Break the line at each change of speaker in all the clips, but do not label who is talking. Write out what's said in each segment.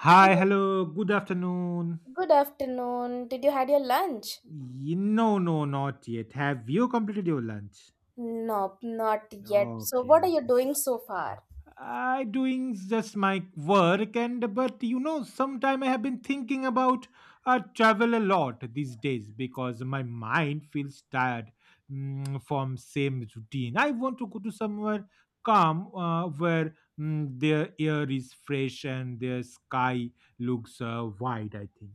Hi,
Hello.
hello, good afternoon.
Good afternoon. Did you had your lunch?
No, no, not yet. Have you completed your lunch?
Nope, not yet. So
Okay,
what are you doing so far?
I doing just my work and but sometime I have been thinking about travel a lot these days because my mind feels tired from same routine. I want to go to somewhere calm where the air is fresh and the sky looks wide. I think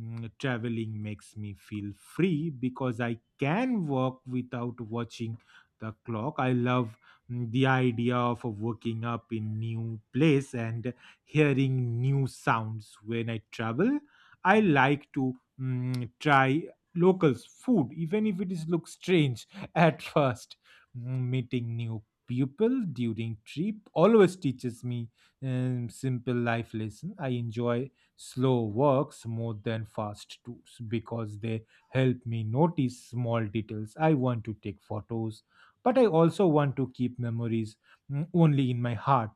Mm, Traveling makes me feel free because I can walk without watching the clock. I love the idea of waking up in new place and hearing new sounds when I travel I like to try locals food even if it is looks strange at first. Meeting new people during trip always teaches me simple life lesson. I enjoy slow walks more than fast tours because they help me notice small details. I want to take photos but I also want to keep memories only in my heart.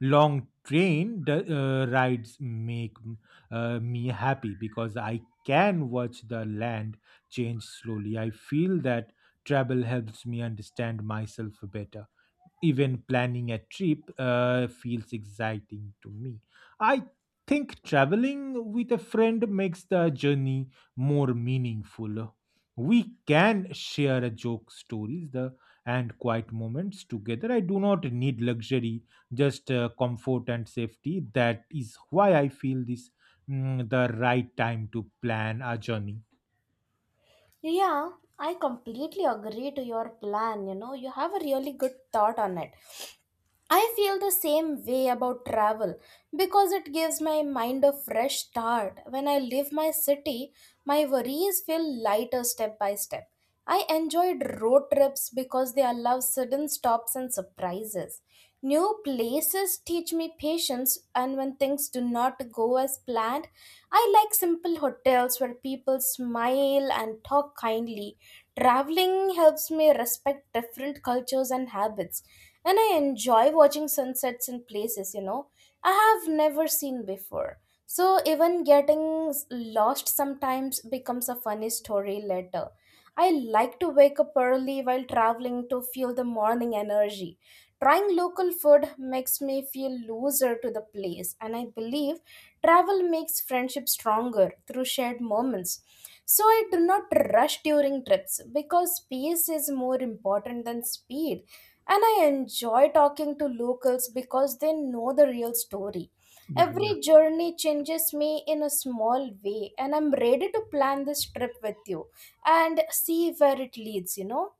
Long train rides make me happy because I can watch the land change slowly. I feel that travel helps me understand myself better. Even planning a trip feels exciting to me. I think traveling with a friend makes the journey more meaningful. We can share a joke, stories, the and quiet moments together. I do not need luxury, just comfort and safety. That is why I feel this the right time to plan a journey.
Yeah, I completely agree to your plan. You know, you have a really good thought on it. I feel the same way about travel because it gives my mind a fresh start. When I leave my city, my worries feel lighter step by step. I enjoyed road trips because they allow sudden stops and surprises. New places teach me patience, and when things do not go as planned, I like simple hotels where people smile and talk kindly. Traveling helps me respect different cultures and habits, and I enjoy watching sunsets in places, you know, I have never seen before. So even getting lost sometimes becomes a funny story later. I like to wake up early while traveling to feel the morning energy. Trying local food makes me feel closer to the place, and I believe travel makes friendship stronger through shared moments. So I do not rush during trips because peace is more important than speed. And I enjoy talking to locals because they know the real story.
Yeah, yeah.
Every journey changes me in a small way, and I'm ready to plan this trip with you and see where it leads, you know.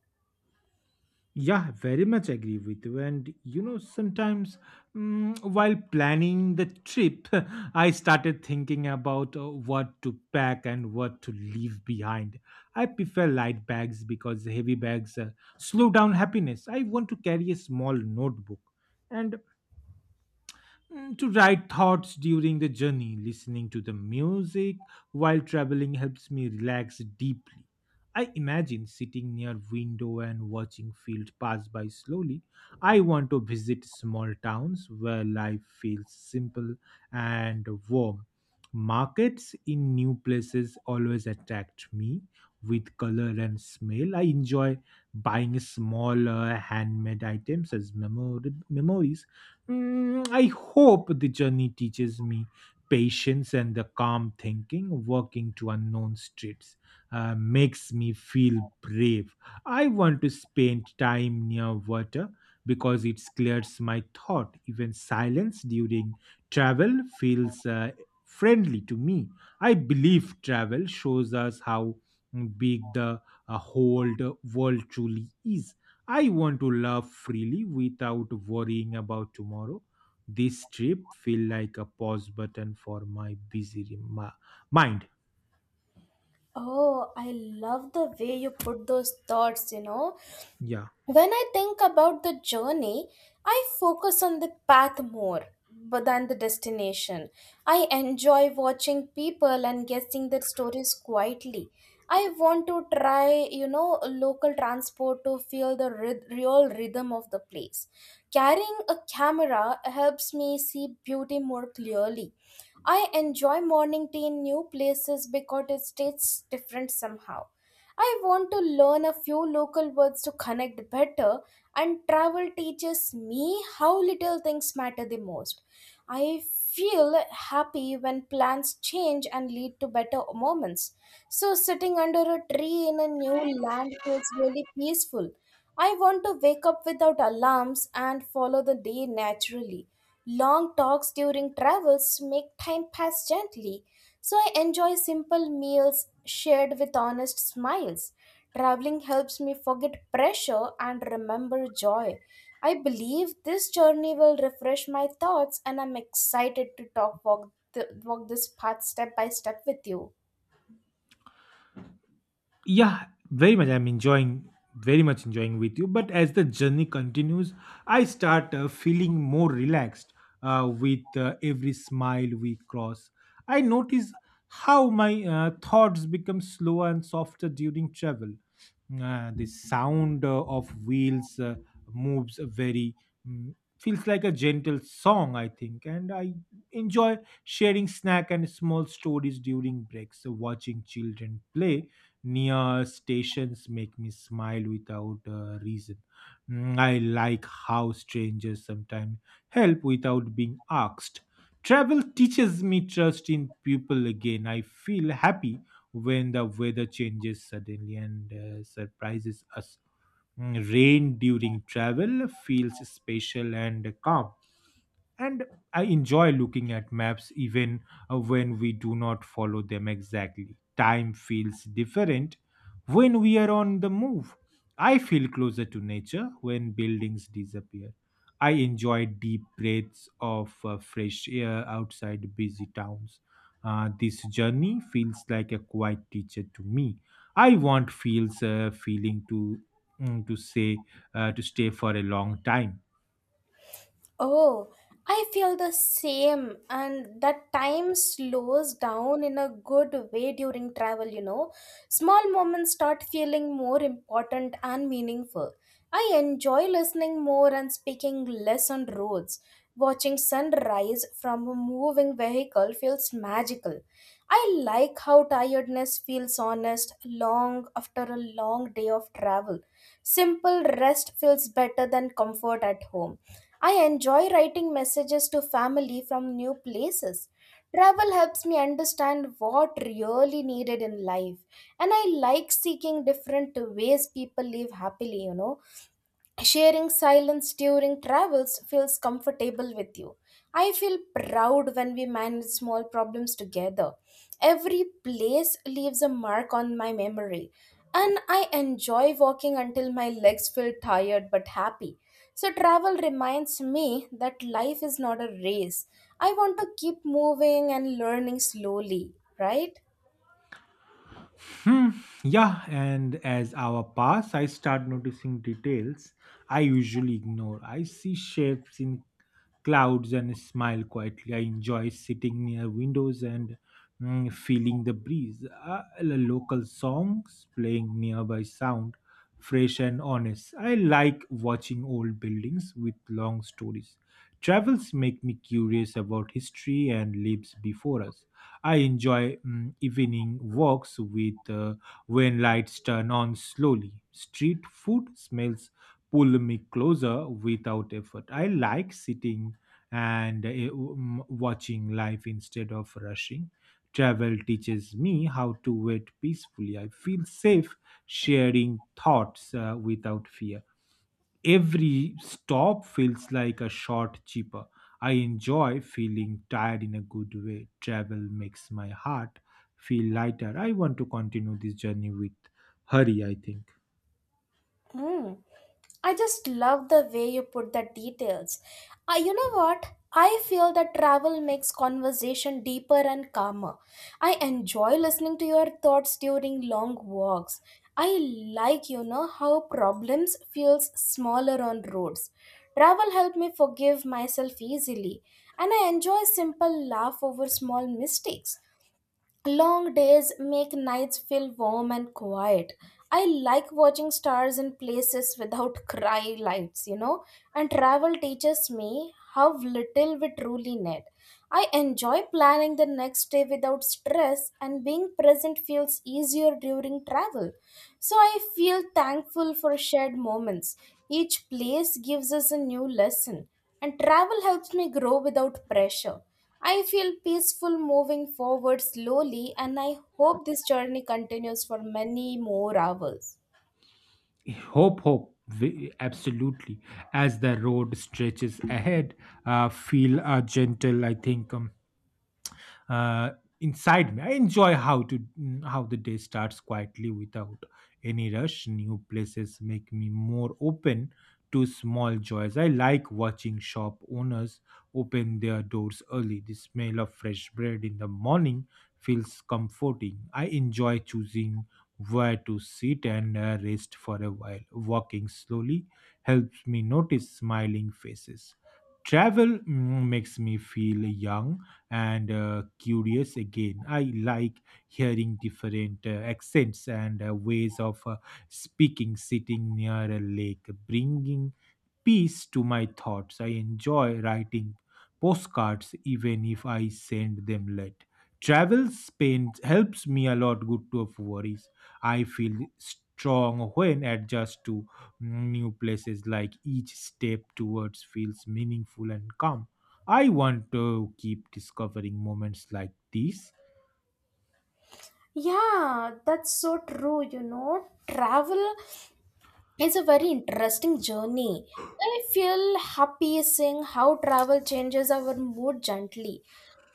Yeah, very much agree with you. And you know, sometimes while planning the trip, I started thinking about what to pack and what to leave behind. I prefer light bags because heavy bags slow down happiness. I want to carry a small notebook and to write thoughts during the journey. Listening to the music while traveling helps me relax deeply. I imagine sitting near window and watching field pass by slowly. I want to visit small towns where life feels simple and warm. Markets in new places always attract me with color and smell. I enjoy buying small handmade items as memories. I hope the journey teaches me patience and the calm thinking. Walking to unknown streets makes me feel brave. I want to spend time near water because it clears my thought. Even silence during travel feels friendly to me. I believe travel shows us how big the whole world truly is. I want to love freely without worrying about tomorrow. This trip feel like a pause button for my busy mind.
Oh, I love the way you put those thoughts, you know.
Yeah.
When I think about the journey, I focus on the path more but than the destination. I enjoy watching people and guessing their stories quietly. I want to try, you know, local transport to feel the real rhythm of the place. Carrying a camera helps me see beauty more clearly. I enjoy morning tea in new places because it tastes different somehow. I want to learn a few local words to connect better, and travel teaches me how little things matter the most. I feel happy when plans change and lead to better moments. So, sitting under a tree in a new land feels really peaceful. I want to wake up without alarms and follow the day naturally. Long talks during travels make time pass gently. So I enjoy simple meals shared with honest smiles. Traveling helps me forget pressure and remember joy. I believe this journey will refresh my thoughts, and I'm excited to walk this path step by step with you.
Yeah, very much I'm enjoying very much enjoying with you. But as the journey continues I start feeling more relaxed with every smile we cross. I notice how my thoughts become slower and softer during travel. The sound of wheels moves a very mm, feels like a gentle song, I think. And I enjoy sharing snack and small stories during breaks. So watching children play near stations make me smile without a reason. I like how strangers sometimes help without being asked. Travel teaches me trust in people again. I feel happy when the weather changes suddenly and surprises us. Rain during travel feels special and calm. And I enjoy looking at maps even when we do not follow them exactly. Time feels different when we are on the move. I feel closer to nature when buildings disappear. I enjoy deep breaths of fresh air outside busy towns. This journey feels like a quiet teacher to me. I want feels feeling to mm, to say to stay for a long time.
Oh, I feel the same, and that time slows down in a good way during travel, you know. Small moments start feeling more important and meaningful. I enjoy listening more and speaking less on roads. Watching sunrise from a moving vehicle feels magical. I like how tiredness feels honest long after a long day of travel. Simple rest feels better than comfort at home. I enjoy writing messages to family from new places. Travel helps me understand what really needed in life, and I like seeking different ways people live happily, you know. Sharing silence during travels feels comfortable with you. I feel proud when we manage small problems together. Every place leaves a mark on my memory, and I enjoy walking until my legs feel tired but happy. So, travel reminds me that life is not a race. I want to keep moving and learning slowly, right?
Hmm. Yeah, and as hour pass, I start noticing details I usually ignore. I see shapes in clouds and smile quietly. I enjoy sitting near windows and feeling the breeze. The local songs playing nearby sound fresh and honest. I like watching old buildings with long stories. Travels make me curious about history and lives before us. I enjoy evening walks with when lights turn on slowly. Street food smells pull me closer without effort. I like sitting and watching life instead of rushing. Travel teaches me how to wait peacefully. I feel safe sharing thoughts without fear. Every stop feels like a shot cheaper. I enjoy feeling tired in a good way. Travel makes my heart feel lighter. I want to continue this journey with hurry, I think.
Mm. I just love the way you put the details. You know what? I feel that travel makes conversation deeper and calmer. I enjoy listening to your thoughts during long walks. I like how problems feels smaller on roads. Travel helped me forgive myself easily, and I enjoy simple laugh over small mistakes. Long days make nights feel warm and quiet. I like watching stars in places without cry lights. And travel teaches me how little we truly need. I enjoy planning the next day without stress, and being present feels easier during travel. So I feel thankful for shared moments. Each place gives us a new lesson, and travel helps me grow without pressure. I feel peaceful moving forward slowly, and I hope this journey continues for many more hours.
Hope, hope, absolutely. As the road stretches ahead, feel gentle, I think. Uh, inside me. I enjoy how the day starts quietly without any rush. New places make me more open to small joys. I like watching shop owners open their doors early. The smell of fresh bread in the morning feels comforting. I enjoy choosing where to sit and rest for a while. Walking slowly helps me notice smiling faces. Travel makes me feel young and curious again. I like hearing different accents and ways of speaking. Sitting near a lake, bringing peace to my thoughts. I enjoy writing postcards even if I send them late. Travel spend helps me a lot good to of worries. I feel strong when adjust to new places. Like each step towards feels meaningful and calm. I want to keep discovering moments like these.
Yeah, that's so true. You know, travel it's a very interesting journey. I feel happy seeing how travel changes our mood gently.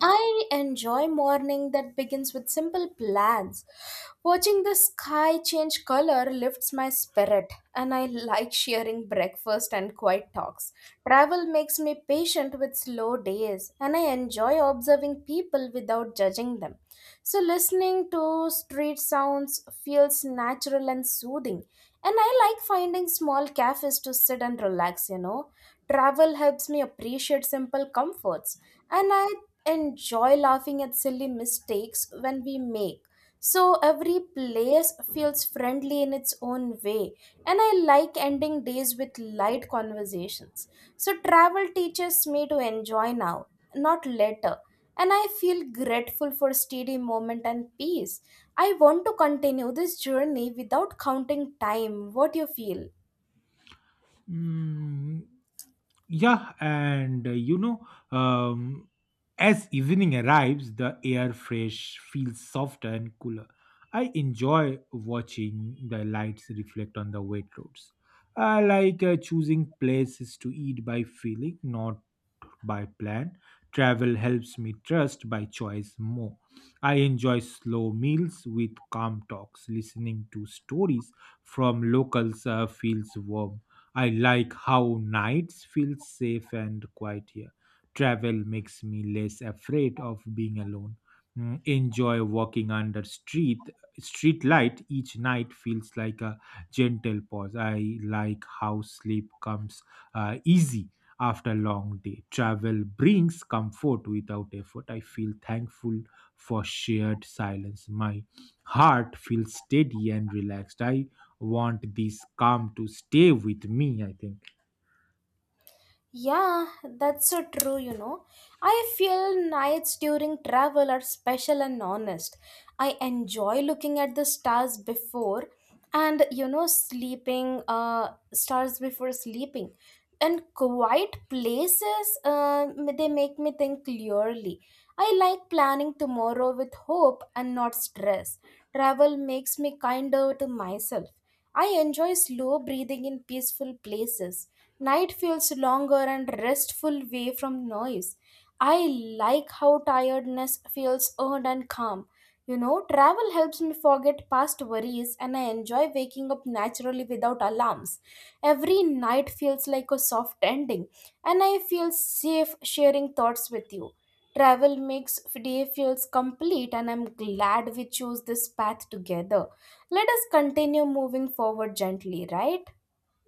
I enjoy morning that begins with simple plans. Watching the sky change color lifts my spirit, and I like sharing breakfast and quiet talks. Travel makes me patient with slow days, and I enjoy observing people without judging them. So listening to street sounds feels natural and soothing. And I like finding small cafes to sit and relax, you know. Travel helps me appreciate simple comforts. And I enjoy laughing at silly mistakes when we make. So every place feels friendly in its own way, and I like ending days with light conversations. So travel teaches me to enjoy now, not later, and I feel grateful for steady moment and peace. I want to continue this journey without counting time. What do you feel?
Mm, Yeah, and you know, um, as evening arrives, the air fresh feels softer and cooler. I enjoy watching the lights reflect on the wet roads. I like choosing places to eat by feeling, not by plan. Travel helps me trust by choice more. I enjoy slow meals with calm talks. Listening to stories from locals feels warm. I like how nights feel safe and quiet here. Travel makes me less afraid of being alone. Enjoy walking under street light. Each night feels like a gentle pause. I like how sleep comes easy after long day. Travel brings comfort without effort. I feel thankful for shared silence. My heart feels steady and relaxed. I want this calm to stay with me, I think.
Yeah, that's so true, you know. I feel nights during travel are special and honest. I enjoy looking at the stars before and, you know, stars before sleeping. And quiet places, they make me think clearly. I like planning tomorrow with hope and not stress. Travel makes me kinder to myself. I enjoy slow breathing in peaceful places. Night feels longer and restful way from noise. I like how tiredness feels earned and calm. You know, travel helps me forget past worries, and I enjoy waking up naturally without alarms. Every night feels like a soft ending, and I feel safe sharing thoughts with you. Travel makes day feels complete, and I'm glad we chose this path together. Let us continue moving forward gently, right?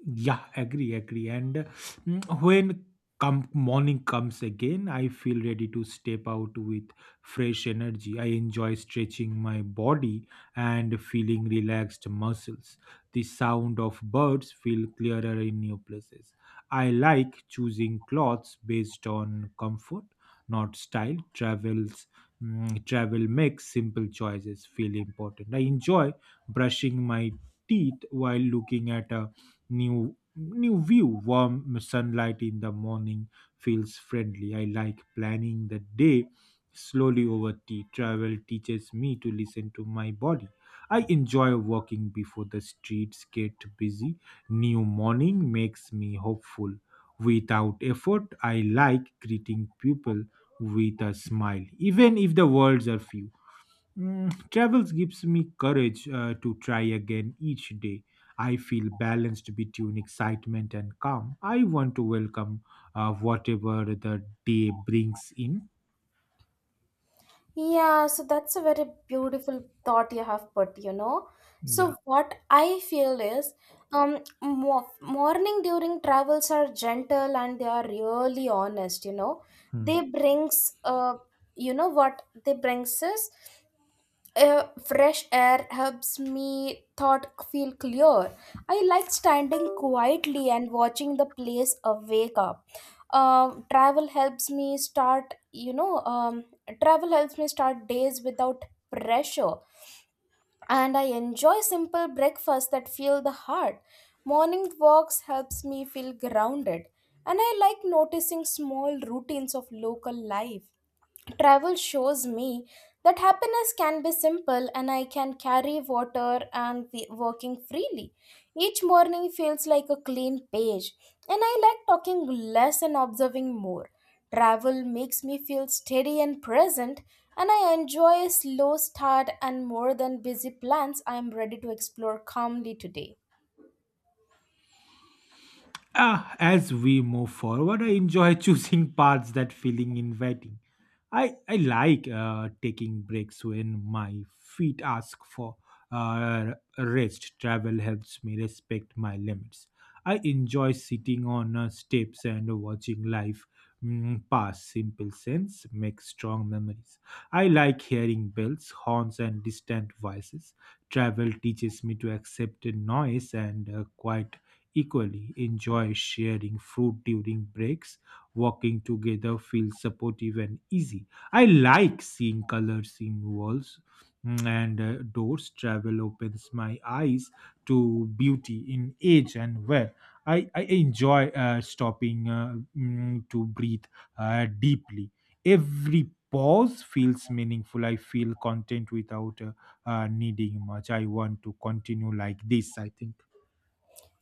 Yeah, agree, agree. And when come morning comes again, I feel ready to step out with fresh energy. I enjoy stretching my body and feeling relaxed muscles. The sound of birds feel clearer in new places. I like choosing clothes based on comfort, not style. Travel makes simple choices feel important. I enjoy brushing my teeth while looking at a new view. Warm sunlight in the morning feels friendly. I like planning the day slowly over tea. Travel teaches me to listen to my body. I enjoy walking before the streets get busy. New morning makes me hopeful without effort. I like greeting people with a smile even if the words are few. Travels gives me courage to try again each day. I feel balanced between excitement and calm. I want to welcome whatever the day brings in.
Yeah, so that's a very beautiful thought you have put, you know.
Yeah.
So what I feel is, mo morning during travels are gentle and they are really honest, you know.
Hmm.
They brings, uh, you know what they brings is fresh air helps me thought feel clear. I like standing quietly and watching the place awake up. Um, travel helps me start, you know, um, Travel helps me start days without pressure. And I enjoy simple breakfasts that feel the heart. Morning walks helps me feel grounded. And I like noticing small routines of local life. Travel shows me that happiness can be simple, and I can carry water and be working freely. Each morning feels like a clean page, and I like talking less and observing more. Travel makes me feel steady and present, and I enjoy a slow start and more than busy plans. I am ready to explore calmly today.
Ah, as we move forward, I enjoy choosing paths that feeling inviting. I like taking breaks when my feet ask for rest. Travel helps me respect my limits. I enjoy sitting on steps and watching life pass. Simple sense makes strong memories. I like hearing bells, horns, and distant voices. Travel teaches me to accept noise and quiet equally. Enjoy sharing fruit during breaks. Walking together feels supportive and easy. I like seeing colors in walls and doors. Travel opens my eyes to beauty in age and wear. I enjoy stopping to breathe deeply. Every pause feels meaningful. I feel content without needing much. I want to continue like this, I think.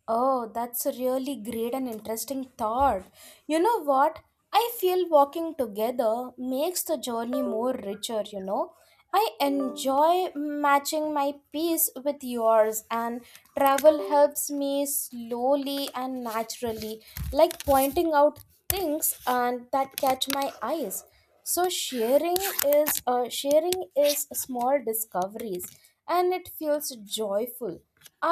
Oh, that's a really great and interesting thought. You know what? I feel walking together makes the journey more richer, you know. I enjoy matching my pace with yours, and travel helps me slowly and naturally, like pointing out things and that catch my eyes. So sharing is small discoveries, and it feels joyful.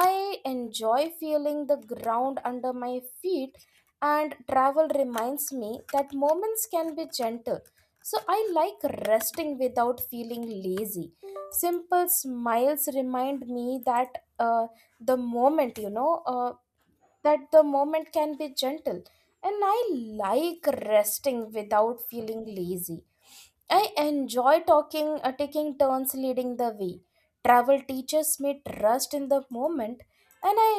I enjoy feeling the ground under my feet, and travel reminds me that moments can be gentle. So I like resting without feeling lazy. Simple smiles remind me the moment you know uh, that the moment can be gentle, and I like resting without feeling lazy. I enjoy talking taking turns leading the way. Travel teaches me trust in the moment, and I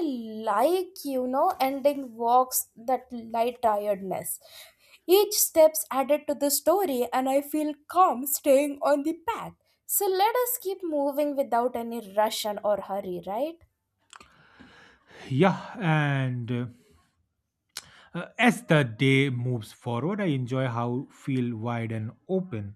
like ending walks that light tiredness. Each steps added to the story, and I feel calm staying on the path. So let us keep moving without any rush and or hurry, right?
Yeah, and as the day moves forward, I enjoy how feel wide and open.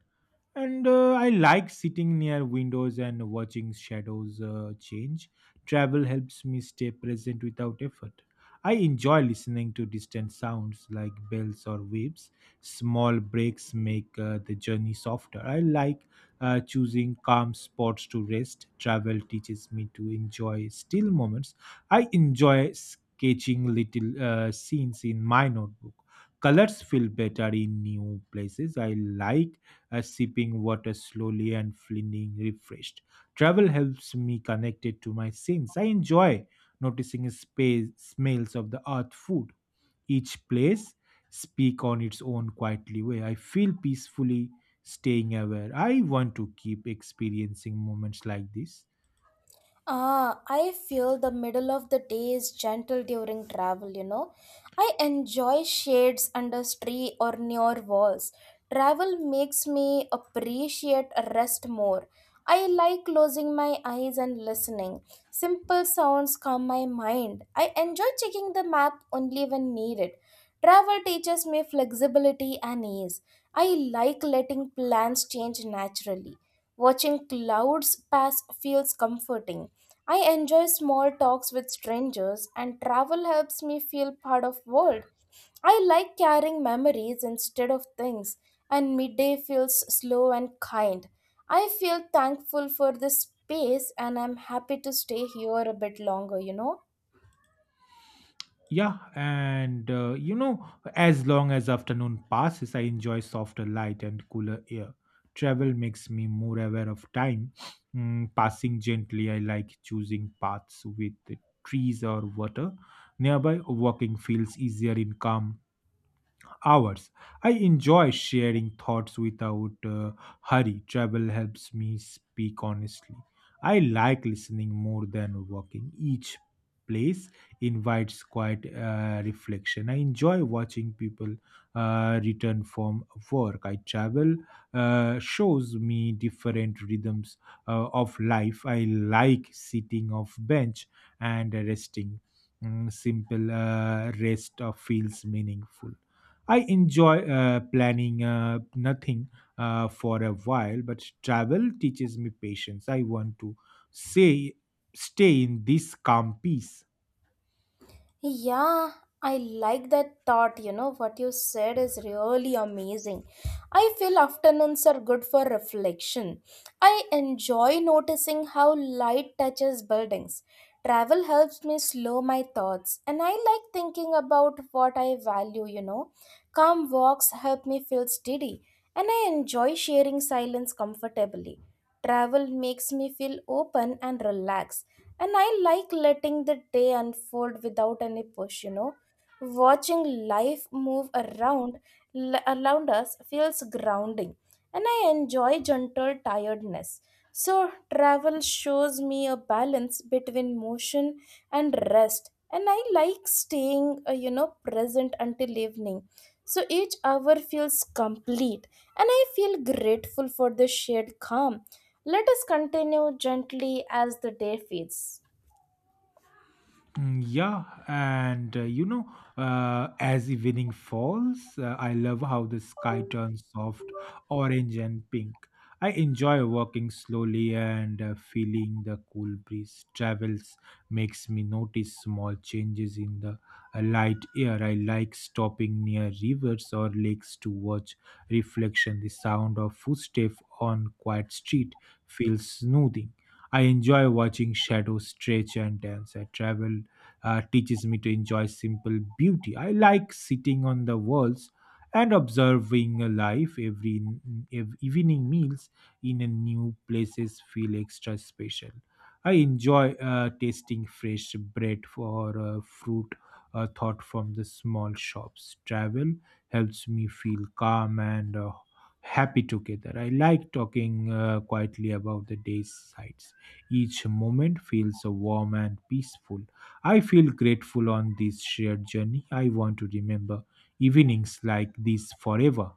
And I like sitting near windows and watching shadows change. Travel helps me stay present without effort. I enjoy listening to distant sounds like bells or waves. Small breaks make the journey softer. I like choosing calm spots to rest. Travel teaches me to enjoy still moments. I enjoy sketching little scenes in my notebook. Colors feel better in new places. I like sipping water slowly and feeling refreshed. Travel helps me connected to my scenes. I enjoy noticing space, smells of the earth food. Each place speak on its own quietly way. I feel peacefully staying aware. I want to keep experiencing moments like this.
Ah, I feel the middle of the day is gentle during travel, you know. I enjoy shades under tree or near walls. Travel makes me appreciate rest more. I like closing my eyes and listening. Simple sounds calm my mind. I enjoy checking the map only when needed. Travel teaches me flexibility and ease. I like letting plans change naturally. Watching clouds pass feels comforting. I enjoy small talks with strangers, and travel helps me feel part of world. I like carrying memories instead of things, and midday feels slow and kind. I feel thankful for this space, and I'm happy to stay here a bit longer, you know.
Yeah, and you know, as long as afternoon passes, I enjoy softer light and cooler air. Travel makes me more aware of time. Passing gently, I like choosing paths with trees or water nearby. Walking feels easier in calm hours. I enjoy sharing thoughts without hurry. Travel helps me speak honestly. I like listening more than walking. Each place invites quiet reflection. I enjoy watching people return from work. I travel shows me different rhythms of life. I like sitting off bench and resting. Mm, simple rest of feels meaningful. I enjoy planning nothing for a while, but travel teaches me patience. I want to say, stay in this calm peace.
Yeah, I like that thought. You know, what you said is really amazing. I feel afternoons are good for reflection. I enjoy noticing how light touches buildings. Travel helps me slow my thoughts, and I like thinking about what I value, you know. Calm walks help me feel steady, and I enjoy sharing silence comfortably. Travel makes me feel open and relaxed, and I like letting the day unfold without any push, you know. Watching life move around around us feels grounding, and I enjoy gentle tiredness. So travel shows me a balance between motion and rest, and I like staying present until evening, so each hour feels complete, and I feel grateful for the shared calm. Let us continue gently as the day fades.
Mm, yeah, and as evening falls, I love how the sky turns soft orange and pink. I enjoy walking slowly and feeling the cool breeze travels makes me notice small changes in the light air. I like stopping near rivers or lakes to watch reflection. The sound of footsteps on quiet street feels soothing. I enjoy watching shadows stretch and dance. I travel teaches me to enjoy simple beauty. I like sitting on the walls and observing a life. Evening meals in a new places feel extra special. I enjoy tasting fresh bread or fruit thought from the small shops. Travel helps me feel calm and happy together. I like talking quietly about the day's sights. Each moment feels warm and peaceful. I feel grateful on this shared journey. I want to remember evenings like this forever.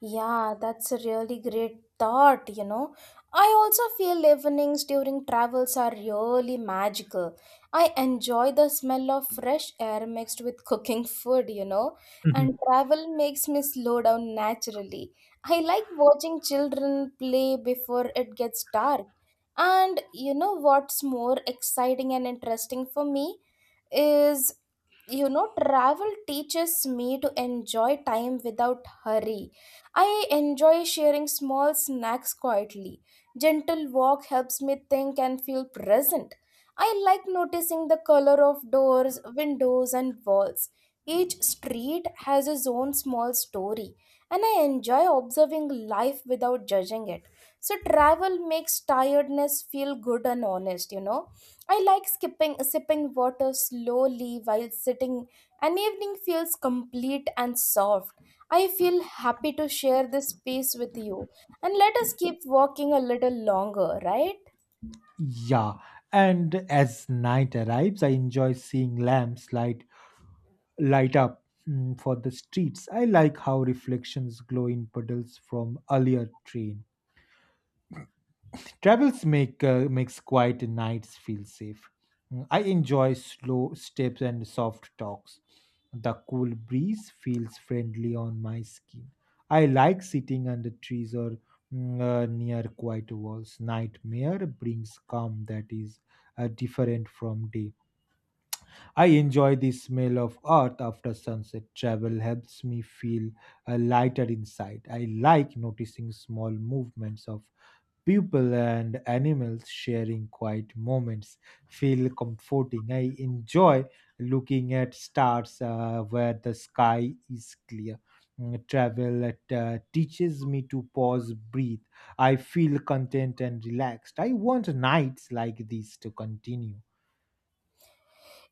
Yeah, that's a really great thought, you know. I also feel evenings during travels are really magical. I enjoy the smell of fresh air mixed with cooking food, you know, and
Mhm.
travel makes me slow down naturally. I like watching children play before it gets dark. And you know what's more exciting and interesting for me? Is, you know, travel teaches me to enjoy time without hurry. I enjoy sharing small snacks quietly. Gentle walk helps me think and feel present. I like noticing the color of doors, windows and walls. Each street has its own small story, and I enjoy observing life without judging it. So travel makes tiredness feel good and honest, you know. I like skipping sipping water slowly while sitting. An evening feels complete and soft. I feel happy to share this space with you. And let us keep walking a little longer, right?
Yeah, and as night arrives, I enjoy seeing lamps light up mm, for the streets. I like how reflections glow in puddles from earlier train. Travels makes quiet nights feel safe. Mm, I enjoy slow steps and soft talks. The cool breeze feels friendly on my skin. I like sitting under trees or near quiet walls. Nightmare brings calm that is different from day. I enjoy the smell of earth after sunset. Travel helps me feel a lighter inside. I like noticing small movements of people and animals sharing quiet moments feel comforting. I enjoy looking at stars where the sky is clear. Mm, travel teaches me to pause, breathe. I feel content and relaxed. I want nights like these to continue.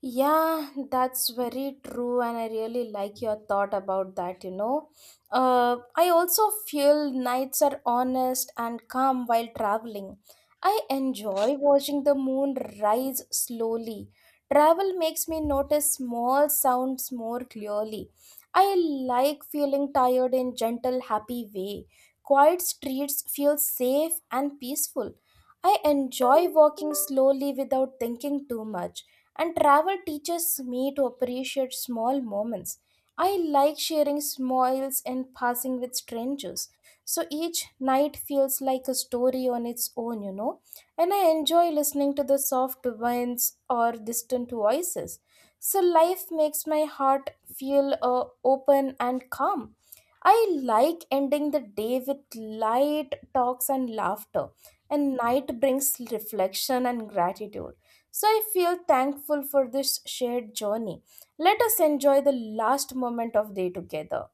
Yeah, that's very true, and I really like your thought about that. You know, I also feel nights are honest and calm while traveling. I enjoy watching the moon rise slowly. Travel makes me notice small sounds more clearly. I like feeling tired in gentle, happy way. Quiet streets feel safe and peaceful. I enjoy walking slowly without thinking too much. And travel teaches me to appreciate small moments. I like sharing smiles and passing with strangers. So each night feels like a story on its own, you know. And I enjoy listening to the soft winds or distant voices. So life makes my heart feel open and calm. I like ending the day with light talks and laughter, and night brings reflection and gratitude. So I feel thankful for this shared journey. Let us enjoy the last moment of day together.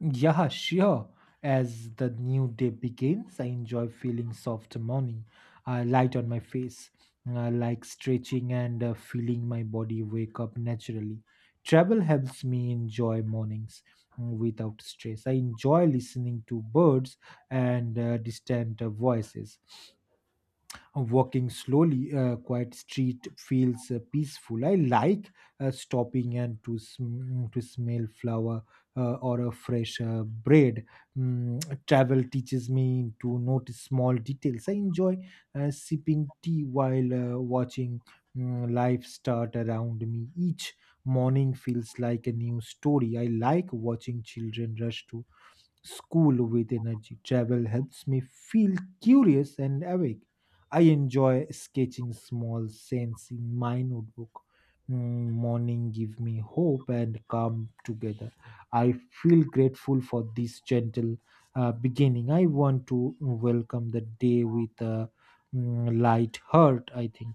Yeah, sure. As the new day begins, I enjoy feeling soft morning light on my face, like stretching and feeling my body wake up naturally. Travel helps me enjoy mornings mm, without stress. I enjoy listening to birds and distant voices walking slowly, quiet street feels peaceful. I like stopping and to smell flower or a fresh bread. Mm, travel teaches me to notice small details. I enjoy sipping tea while watching mm, life start around me. Each morning feels like a new story. I like watching children rush to school with energy. Travel helps me feel curious and awake. I enjoy sketching small scenes in my notebook. Mm, morning give me hope and calm together. I feel grateful for this gentle beginning. I want to welcome the day with a mm, light heart. I think.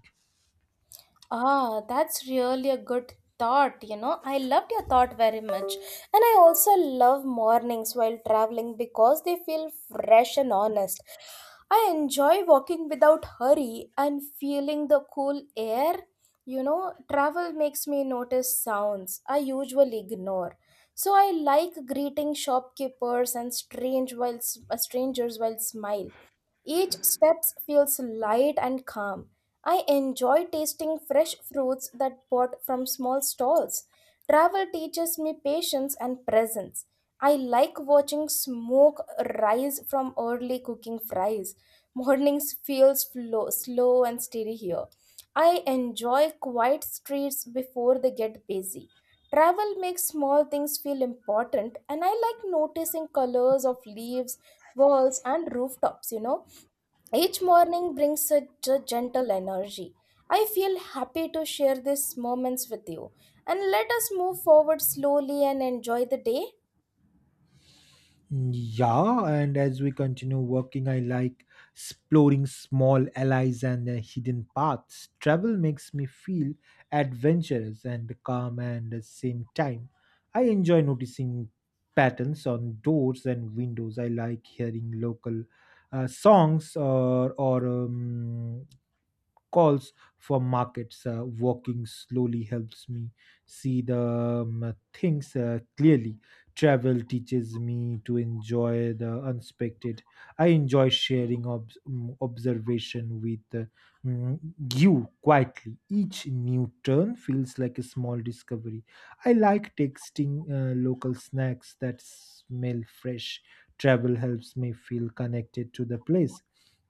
Ah, that's really a good thought. You know, I loved your thought very much. And I also love mornings while traveling because they feel fresh and honest. I enjoy walking without hurry and feeling the cool air. You know, travel makes me notice sounds I usually ignore. So I like greeting shopkeepers and strangers while smile. Each step feels light and calm. I enjoy tasting fresh fruits that bought from small stalls. Travel teaches me patience and presence. I like watching smoke rise from early cooking fries. Mornings feels flow, slow and steady here. I enjoy quiet streets before they get busy. Travel makes small things feel important, and I like noticing colors of leaves, walls, and rooftops, you know. Each morning brings such a gentle energy. I feel happy to share these moments with you. And let us move forward slowly and enjoy the day.
Yeah, and as we continue working, I like exploring small allies and hidden paths. Travel makes me feel adventurous and calm at the same time. I enjoy noticing patterns on doors and windows. I like hearing local songs or calls for markets. Walking slowly helps me see the things clearly. Travel teaches me to enjoy the unexpected. I enjoy sharing observation with mm, you quietly. Each new turn feels like a small discovery. I like tasting local snacks that smell fresh. Travel helps me feel connected to the place.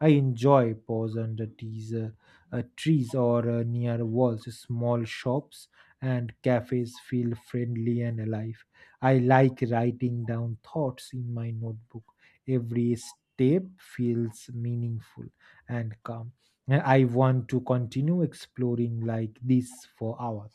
I enjoy pause under these trees or near walls. Small shops and cafes feel friendly and alive. I like writing down thoughts in my notebook. Every step feels meaningful and calm. And I want to continue exploring like this for hours.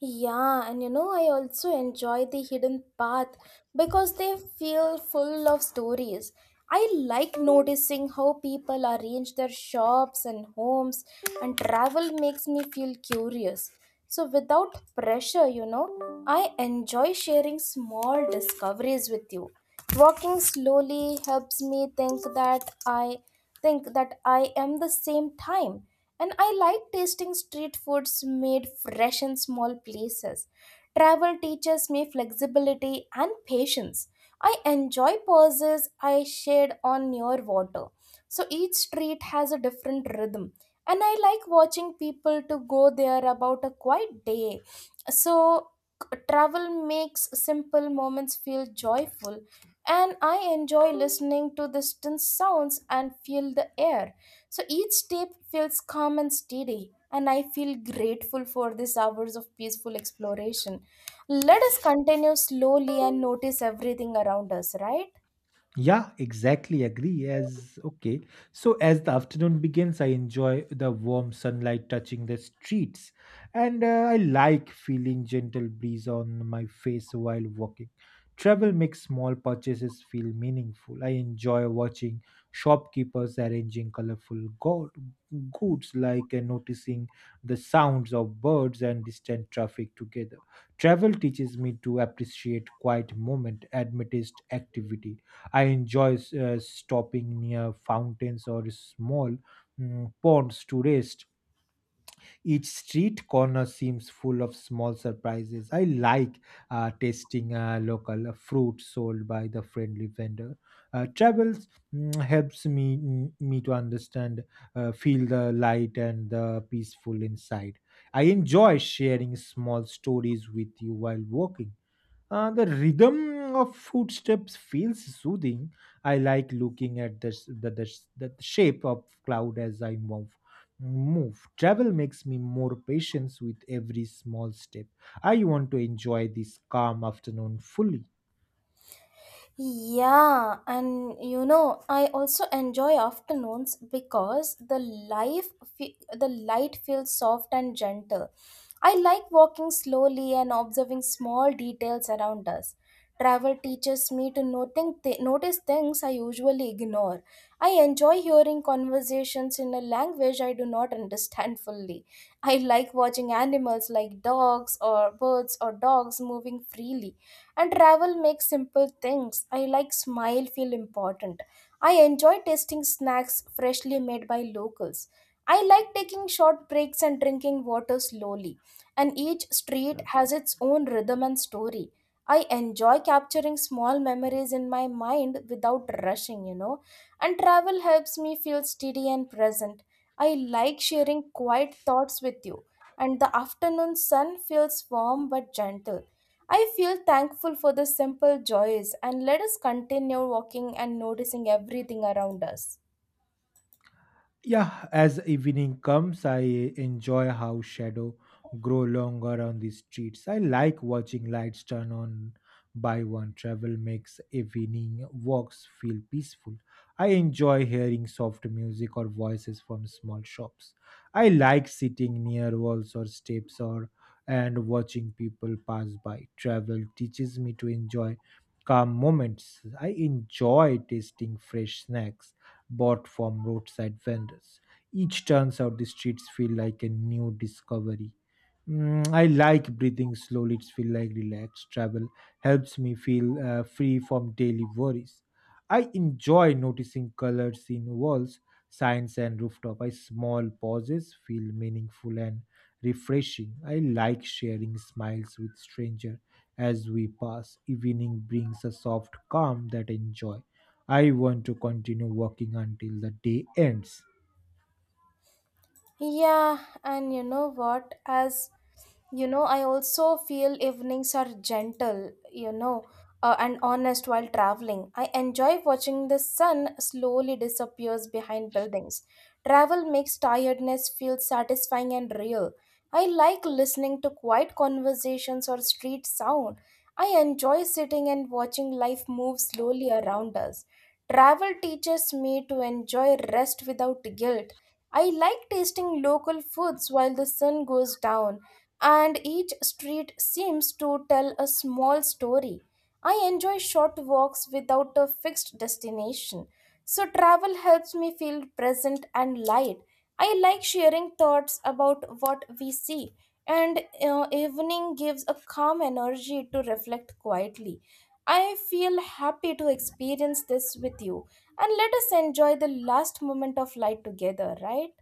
Yeah, and you know, I also enjoy the hidden path because they feel full of stories. I like noticing how people arrange their shops and homes, and travel makes me feel curious. So, without pressure, you know, I enjoy sharing small discoveries with you. Walking slowly helps me think that I am the same time. And I like tasting street foods made fresh in small places. Travel teaches me flexibility and patience. I enjoy pauses I shared on near water. So each street has a different rhythm. And I like watching people to go there about a quiet day. So travel makes simple moments feel joyful, and I enjoy listening to distant sounds and feel the air. So each step feels calm and steady, and I feel grateful for these hours of peaceful exploration. Let us continue slowly and notice everything around us, right?
Yeah, exactly. Agree. As okay. So, as the afternoon begins, I enjoy the warm sunlight touching the streets, and I like feeling gentle breeze on my face while walking. Travel makes small purchases feel meaningful. I enjoy watching shopkeepers arranging goods, like noticing the sounds of birds and distant traffic together. Travel teaches me to appreciate quiet moment amidst activity. I enjoy stopping near fountains or small mm, ponds to rest. Each street corner seems full of small surprises. I like tasting local fruit sold by the friendly vendor. Travels mm, helps me to understand, feel the light and the peaceful inside. I enjoy sharing small stories with you while walking. The rhythm of footsteps feels soothing. I like looking at the shape of cloud as I move. Move. Travel makes me more patient with every small step. I want to enjoy this calm afternoon fully.
Yeah, and you know, I also enjoy afternoons because the the light feels soft and gentle. I like walking slowly and observing small details around us. Travel teaches me to notice things I usually ignore. I enjoy hearing conversations in a language I do not understand fully. I like watching animals like dogs or birds or dogs moving freely, and travel makes simple things I like smile feel important. I enjoy tasting snacks freshly made by locals. I like taking short breaks and drinking water slowly, and each street has its own rhythm and story. I enjoy capturing small memories in my mind without rushing, you know, and travel helps me feel steady and present. I like sharing quiet thoughts with you, and the afternoon sun feels warm but gentle. I feel thankful for the simple joys, and let us continue walking and noticing everything around us.
Yeah, as evening comes, I enjoy how shadow grow longer on the streets. I like watching lights turn on by one. Travel makes evening walks feel peaceful. I enjoy hearing soft music or voices from small shops. I like sitting near walls or steps or and watching people pass by. Travel teaches me to enjoy calm moments. I enjoy tasting fresh snacks bought from roadside vendors. Each turns out the streets feel like a new discovery. Mm, I like breathing slowly. It's feel like relaxed. Travel helps me feel free from daily worries. I enjoy noticing colors in walls, signs, and rooftop. I small pauses feel meaningful and refreshing. I like sharing smiles with stranger as we pass. Evening brings a soft calm that enjoy. I want to continue working until the day ends.
Yeah, and you know what? As You know, I also feel evenings are gentle, you know, and honest while traveling. I enjoy watching the sun slowly disappears behind buildings. Travel makes tiredness feel satisfying and real. I like listening to quiet conversations or street sound. I enjoy sitting and watching life move slowly around us. Travel teaches me to enjoy rest without guilt. I like tasting local foods while the sun goes down, and each street seems to tell a small story. I enjoy short walks without a fixed destination. So, travel helps me feel present and light. I like sharing thoughts about what we see, and evening gives a calm energy to reflect quietly. I feel happy to experience this with you, and let us enjoy the last moment of light together, right?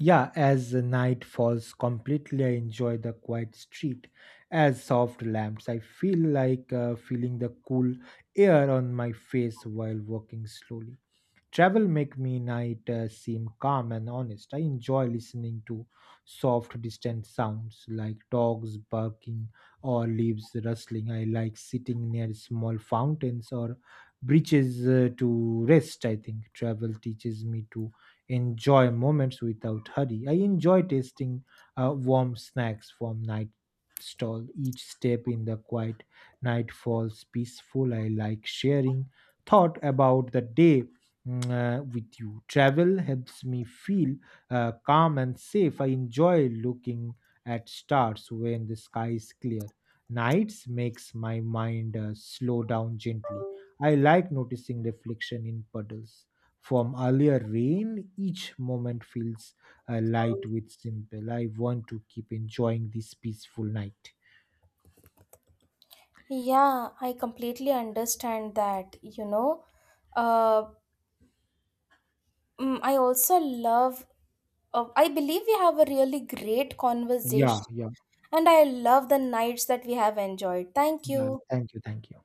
Yeah, as the night falls completely, I enjoy the quiet street as soft lamps. I feel like feeling the cool air on my face while walking slowly. Travel make me night seem calm and honest. I enjoy listening to soft distant sounds like dogs barking or leaves rustling. I like sitting near small fountains or beaches to rest. I think travel teaches me to enjoy moments without hurry. I enjoy tasting warm snacks from night stall. Each step in the quiet night falls peaceful. I like sharing thought about the day with you. Travel helps me feel calm and safe. I enjoy looking at stars when the sky is clear. Nights makes my mind slow down gently. I like noticing reflection in puddles. From earlier rain, each moment feels light with simple. I want to keep enjoying this peaceful night.
Yeah, I completely understand that, you know. Uh, I also I believe we have a really great
Yeah,
conversation,
yeah,
and I love the nights that we have enjoyed. Thank
yeah.
you.
Thank you, thank you.